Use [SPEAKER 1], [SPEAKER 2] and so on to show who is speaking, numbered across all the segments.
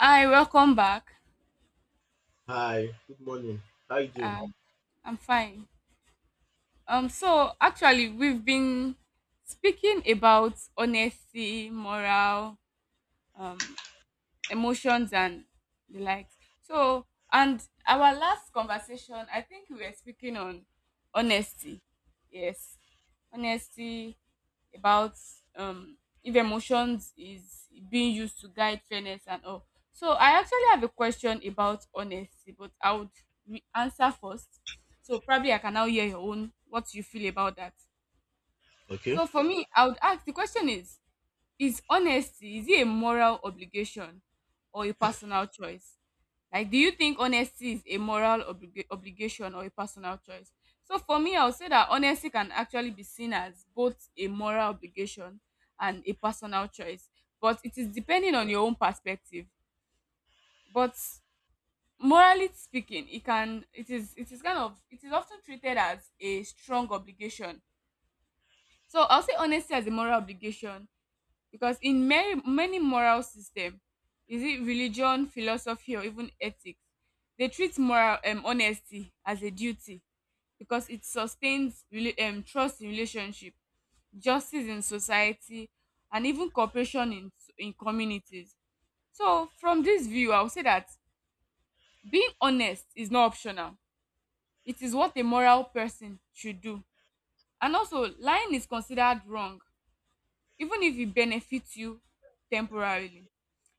[SPEAKER 1] Hi, welcome back.
[SPEAKER 2] Hi, good morning. How you doing?
[SPEAKER 1] Uh, I'm fine. So actually, we've been speaking about honesty, moral, um, emotions and the likes. So, and our last conversation, I think we were speaking on honesty. Yes, honesty about um if emotions is being used to guide fairness and all. So, I actually have a question about honesty, but I would answer first. So, probably I can now hear your own what you feel about that.
[SPEAKER 2] Okay.
[SPEAKER 1] So, for me, I would ask the question is honesty is it a moral obligation or a personal choice? Like, do you think honesty is a moral obligation or a personal choice? So for me, I would say that honesty can actually be seen as both a moral obligation and a personal choice, but it is depending on your own perspective. But morally speaking, it can it is kind of it is often treated as a strong obligation. So I'll say honesty as a moral obligation because in many moral system is it religion philosophy or even ethics they treat moral honesty as a duty because it sustains trust in relationship justice in society and even cooperation in communities. So from this view I would say that being honest is not optional. It is what a moral person should do, and also lying is considered wrong even if it benefits you temporarily.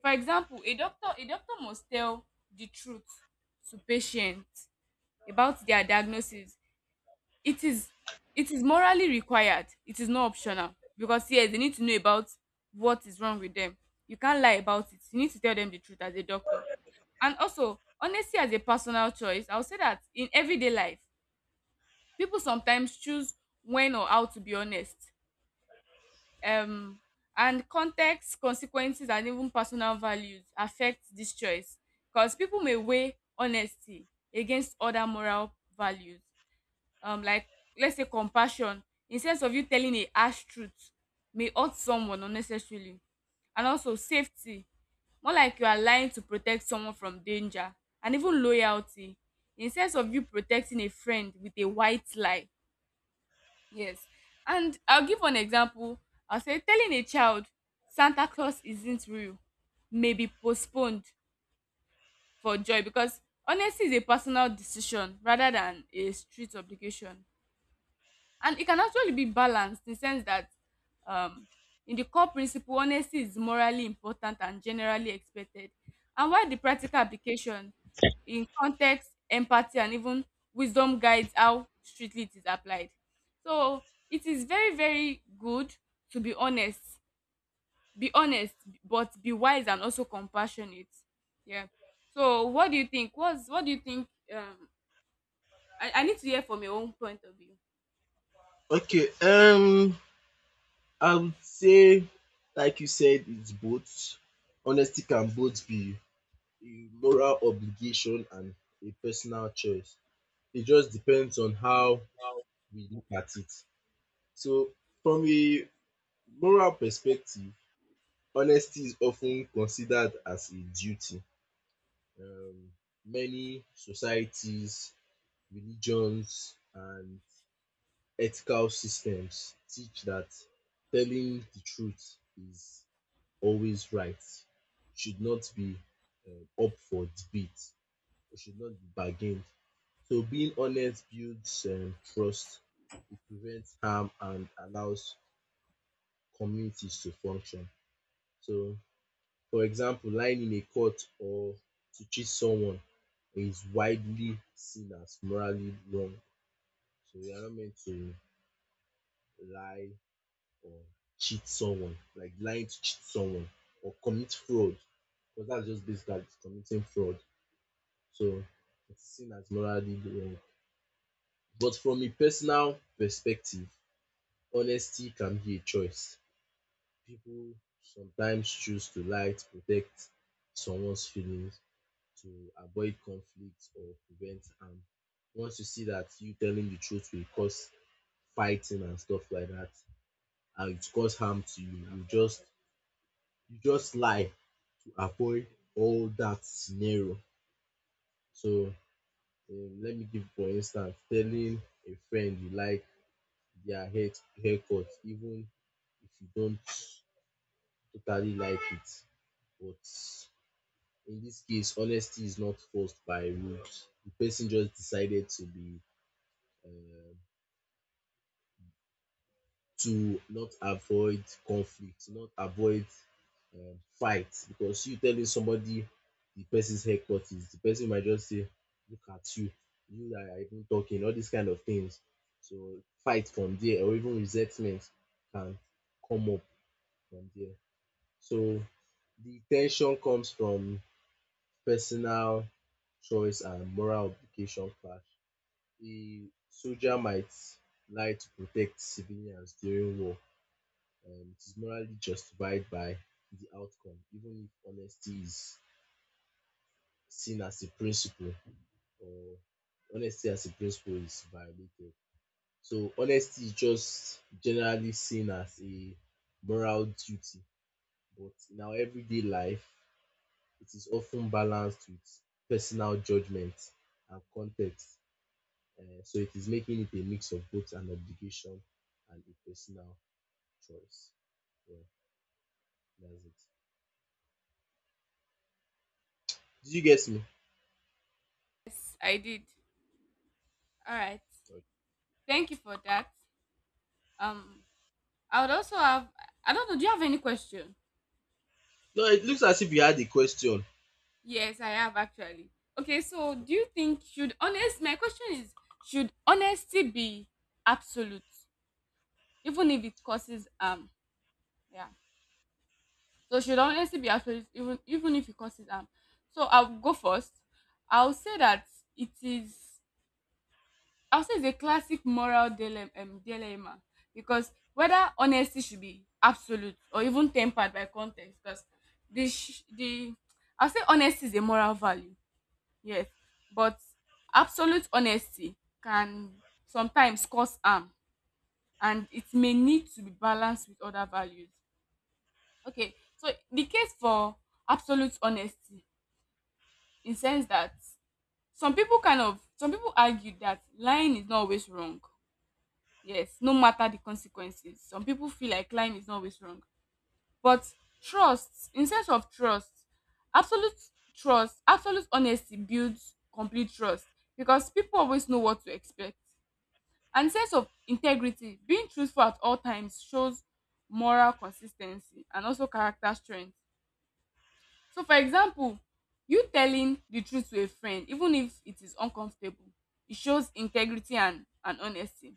[SPEAKER 1] For example, a doctor must tell the truth to patient about their diagnosis. It is it is morally required. It is not optional because yes, they need to know about what is wrong with them. You can't lie about it. You need to tell them the truth as a doctor. And also, honesty as a personal choice, I'll say that in everyday life, people sometimes choose when or how to be honest, um and context consequences and even personal values affect this choice because people may weigh honesty against other moral values, um, like let's say compassion, in sense of you telling a harsh truth may hurt someone unnecessarily, and also safety, more like you are lying to protect someone from danger, and even loyalty, in sense of you protecting a friend with a white lie. Yes, and I'll give an example. I'll say telling a child Santa Claus isn't real may be postponed for joy because honesty is a personal decision rather than a strict obligation. And it can actually be balanced in the sense that, um, in the core principle honesty is morally important and generally expected, and while the practical application in context empathy and even wisdom guides how strictly it is applied. So it is very, very good to be honest but be wise and also compassionate. Yeah, so what do you think what's what do you think, um, I need to hear from your own point of view.
[SPEAKER 2] Okay, I would say, like you said, it's both. Honesty can both be a moral obligation and a personal choice. It just depends on how we look at it. So, from a moral perspective, honesty is often considered as a duty. Um, many societies, religions, and ethical systems teach that telling the truth is always right, should not be up for debate, it should not be bargained. So being honest builds trust, it prevents harm and allows communities to function. So, for example, lying in a court or to cheat someone is widely seen as morally wrong. So we are not meant to lie or cheat someone, like lying to cheat someone or commit fraud, because that's just basically committing fraud. So it's seen as morally wrong. But from a personal perspective, honesty can be a choice. People sometimes choose to lie to protect someone's feelings, to avoid conflict or prevent harm. Once you see that you telling the truth will cause fighting and stuff like that, and it cause harm to you, you just lie avoid all that scenario. So let me give for instance telling a friend you like their haircut even if you don't totally like it. But in this case honesty is not forced by rules. The person just decided to be um to not avoid conflict, not avoid fight. Because you telling somebody the person's haircut is, the person might just say, look at you, you that are even talking, all these kind of things. So fight from there or even resentment can come up from there. So the tension comes from personal choice and moral obligation clash. A soldier might lie to protect civilians during war, it is morally justified by the outcome, even if honesty is seen as a principle or honesty as a principle is violated. So honesty is just generally seen as a moral duty, but in our everyday life, it is often balanced with personal judgment and context. So it is making it a mix of both an obligation and a personal choice. Yeah, that's it. Did you get me?
[SPEAKER 1] Yes I did, all right.
[SPEAKER 2] Or
[SPEAKER 1] Thank you for that. Um, I would also have. I don't know. Do you have any question?
[SPEAKER 2] no, it looks as if you had a question.
[SPEAKER 1] Yes, I have actually. Okay, so do
[SPEAKER 2] Okay.
[SPEAKER 1] you think should honest? My question is: should honesty be absolute, even if it causes um? Yeah. So should honesty be absolute, even if it causes um? So I'll go first. I'll say that it is. I'll say it's a classic moral dilemma, because whether honesty should be absolute or even tempered by context, because the I'll say honesty is a moral value, yes, but absolute honesty can sometimes cause harm, and it may need to be balanced with other values. Okay, so the case for absolute honesty, in sense that some people argue that lying is not always wrong. Yes, no matter the consequences. Some people feel like lying is not always wrong. But trust, in sense of absolute trust, absolute honesty builds complete trust because people always know what to expect. And sense of integrity, being truthful at all times shows moral consistency and also character strength. So for example, you telling the truth to a friend, even if it is uncomfortable, it shows integrity and honesty.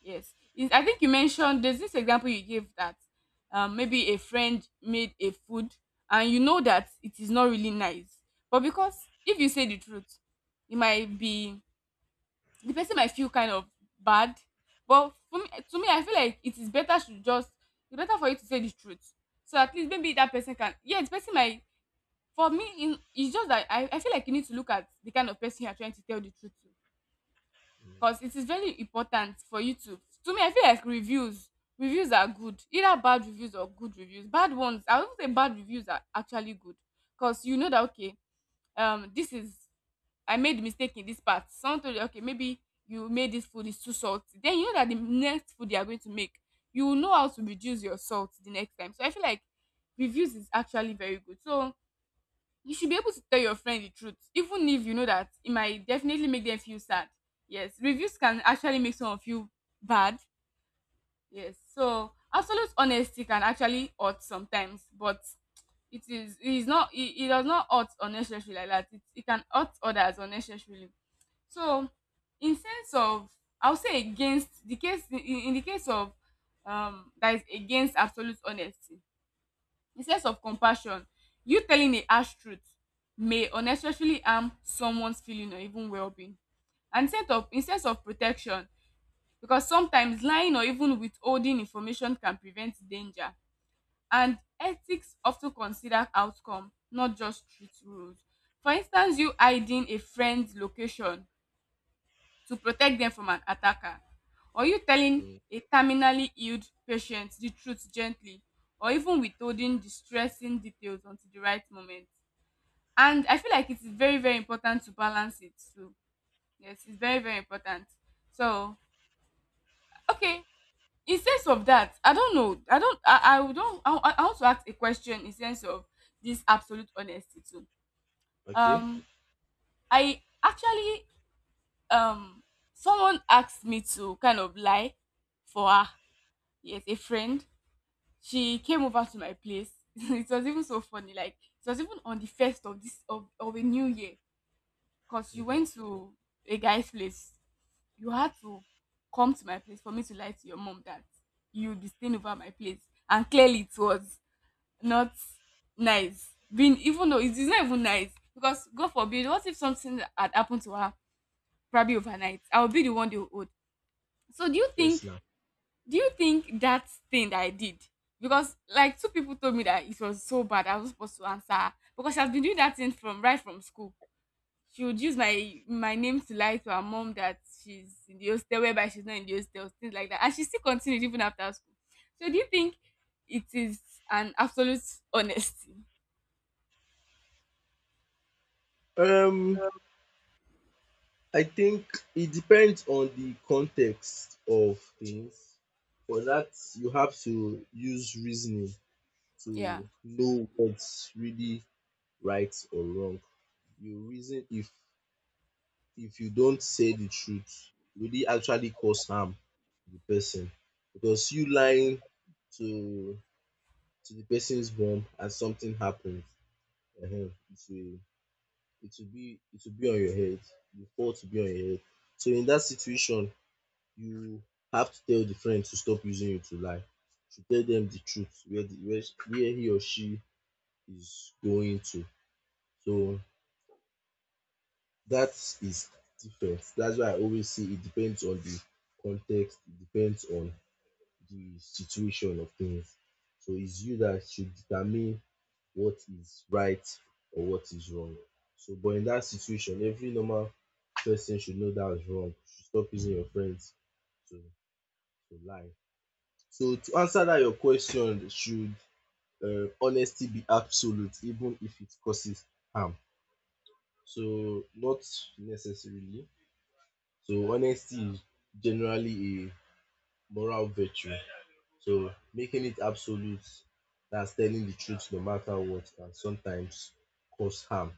[SPEAKER 1] Yes. Is I think you mentioned there's this example you gave that, maybe a friend made a food and you know that it is not really nice. But because if you say the truth, it might be the person might feel kind of bad. But for me, to me, I feel like it is better to just it's better for you to say the truth. So at least maybe that person can yeah, the person might for me in it's just that I feel like you need to look at the kind of person you are trying to tell the truth to,
[SPEAKER 2] Mm,
[SPEAKER 1] because it is very important for you to me I feel like reviews are good. Either bad reviews or good reviews. Bad ones, I won't say bad reviews are actually good, because you know that okay, um, this is I made mistake in this part. Someone told you okay maybe you made this food is too salty, then you know that the next food they are going to make you will know how to reduce your salt the next time. So I feel like reviews is actually very good. So you should be able to tell your friend the truth, even if you know that it might definitely make them feel sad. Yes, reviews can actually make someone feel bad. Yes, so absolute honesty can actually hurt sometimes, but it does not hurt unnecessarily like that. It can hurt others unnecessarily. So, in sense of I would say against the case in the case of, um, that is against absolute honesty, instead of compassion, you telling a harsh truth may unnecessarily harm someone's feeling or even wellbeing, and instead of protection, because sometimes lying or even withholding information can prevent danger, and ethics of ten consider outcome not just strict rules, for instance you hiding a friend's location to protect them from an attacker? Or you telling
[SPEAKER 2] mm,
[SPEAKER 1] a terminally ill patient the truth gently, or even withholding distressing details until the right moment? And I feel like it is very, very important to balance it too. Yes, it's very, very important. So, okay, in sense of that, I don't know. I don't, I don't, I want to ask a question in sense of this absolute honesty too.
[SPEAKER 2] okay.
[SPEAKER 1] Um, I actually, um, someone asked me to kind of lie for her, yes, a friend. She came over to my place. It was even so funny. Like it was even on the first of of a new year. Cause she
[SPEAKER 2] Mhm.
[SPEAKER 1] went to a guy's place. You had to come to my place for me to lie to your mom that you'd be staying over at my place. And clearly it was not nice. Being even though it's not even nice. Because God forbid, what if something had happened to her probably overnight? I would be the one they would. So
[SPEAKER 2] Yes, now.
[SPEAKER 1] do you think that thing that I did? Because like two people told me that it was so bad, I was supposed to answer her, because she has been doing that thing from right from school. She would use my name to lie to her mom that she's in the hostel, whereby she's not in the hostel, things like that. And she still continued even after school. So do you think it is an absolute honesty?
[SPEAKER 2] Um, I think it depends on the context of things. For that, you have to use reasoning
[SPEAKER 1] Yeah.
[SPEAKER 2] to know what's really right or wrong. You reason if you don't say the truth, will it actually cause harm to the person? Because you lying to to the person's mom and something happens, uh it's a it will be on your head. You fault to be on your head. So in that situation you have to tell the friend to stop using you to lie, to tell them the truth where where he or she is going to. So that is different. That's why I always say it depends on the context, it depends on the situation of things. So it's you that should determine what is right or what is wrong. So but in that situation, every normal person should know that's wrong. You should stop using your friends to to lie. So to answer that your question, should honesty be absolute even if it causes harm? So not necessarily. So honesty is generally a moral virtue. So making it absolute, that's telling the truth no matter what, can sometimes cause harm,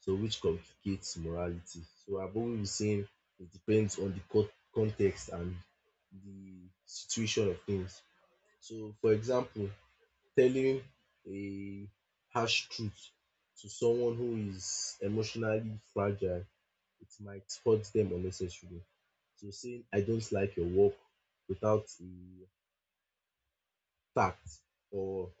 [SPEAKER 2] so which complicates morality. So I've always been saying it depends on the context and the situation of things. So for example, telling a harsh truth to someone who is emotionally fragile, it might hurt them unnecessarily. So saying I don't like your work without a fact or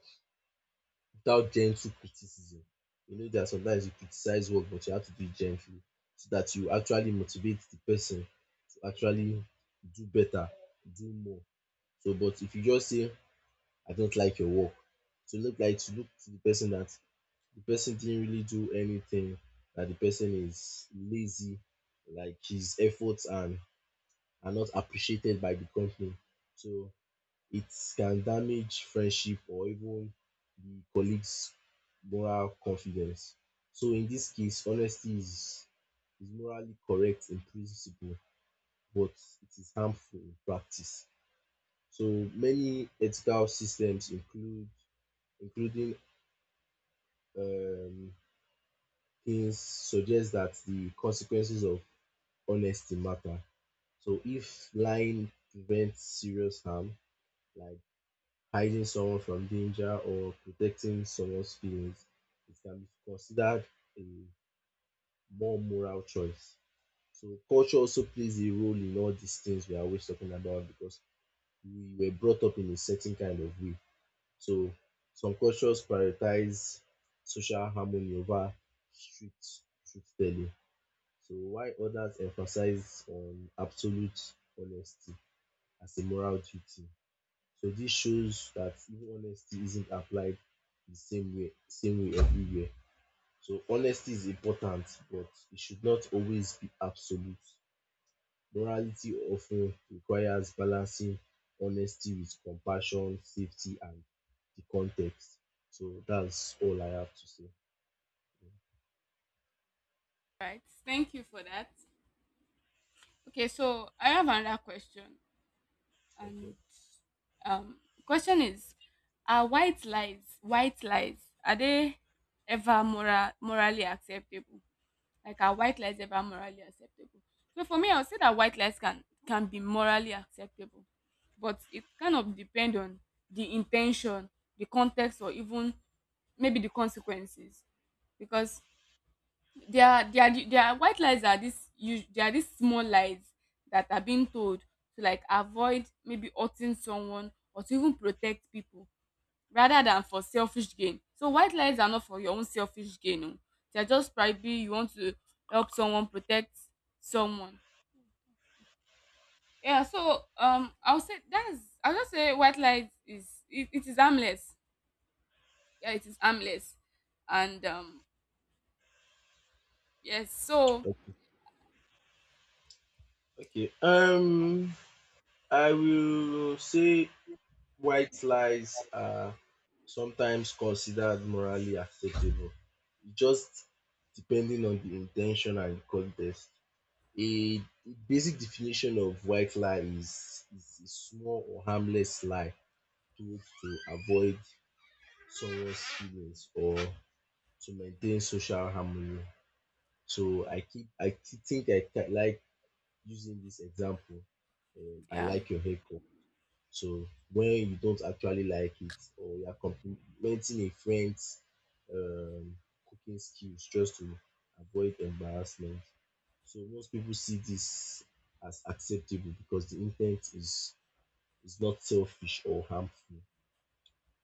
[SPEAKER 2] without gentle criticism. You know that sometimes you criticize work, but you have to do it gently so that you actually motivate the person to actually do better, do more. So, but if you just say, I don't like your work, to look like to look to the person that the person didn't really do anything, that the person is lazy, like his efforts and are not appreciated by the company. So it can damage friendship or even the colleague's moral confidence. So in this case, honesty is morally correct in principle, but it is harmful in practice. So many ethical systems include including um things suggest that the consequences of honesty matter. So if lying prevents serious harm, like hiding someone from danger or protecting someone's feelings, it can be considered a more moral choice. So culture also plays a role in all these things we are always talking about because we were brought up in a certain kind of way. So some cultures prioritize social harmony over strict truth telling. So while others emphasize on absolute honesty as a moral duty. So this shows that even honesty isn't applied the same way same way everywhere. So honesty is important, but it should not always be absolute. Morality often requires balancing honesty with compassion, safety, and the context. So that's all I have to say.
[SPEAKER 1] Right. Thank you for that. Okay, so I have another question.
[SPEAKER 2] Okay.
[SPEAKER 1] And, um, question is, are white lies are they ever morally acceptable? Like are white lies ever morally acceptable? So for me, I would say that white lies can be morally acceptable, but it kind of depend on the intention, the context, or even maybe the consequences, because there are the there are white lies are these us there are these small lies that are being told to like avoid maybe hurting someone or to even protect people rather than for selfish gain. So white lies are not for your own selfish gain oh. They are just probably you want to help someone, protect someone. Yeah, so, um, I would say that's I'll just say white lies it is harmless. Yeah, it is harmless. And yes, so
[SPEAKER 2] Okay. I will say white lies are sometimes considered morally acceptable, just depending on the intention and context. A basic definition of white lie is a small or harmless lie told to avoid someone's feelings or to maintain social harmony. So I keep I thi- think like using this example. I
[SPEAKER 1] yeah.
[SPEAKER 2] like your haircut. So when you don't actually like it or you are complimenting a friend's um, cooking skills just to avoid embarrassment. So most people see this as acceptable because the intent is not selfish or harmful.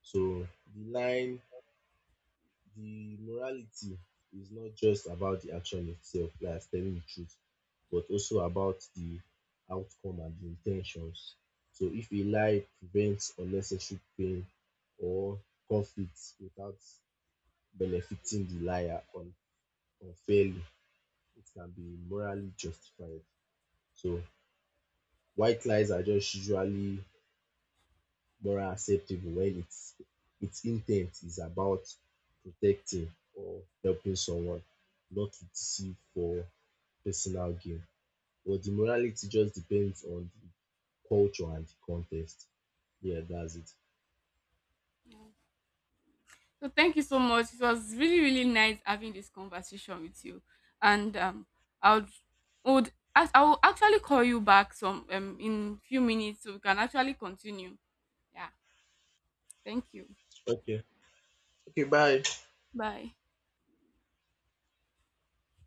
[SPEAKER 2] So the line the morality is not just about the action itself, like telling the truth, but also about the outcome and the intentions. So if a lie prevents unnecessary pain or conflict without benefiting the liar unfairly, it can be morally justified. So white lies are just usually moral acceptable when it's its intent is about protecting or helping someone, not to deceive for personal gain. But the morality just depends on the culture and the context. Yeah, that's it.
[SPEAKER 1] So thank you so much. It was really, really nice having this conversation with you. And, I would, I will actually call you back some in few minutes so we can actually continue. Yeah. Thank you.
[SPEAKER 2] Okay.
[SPEAKER 1] Bye.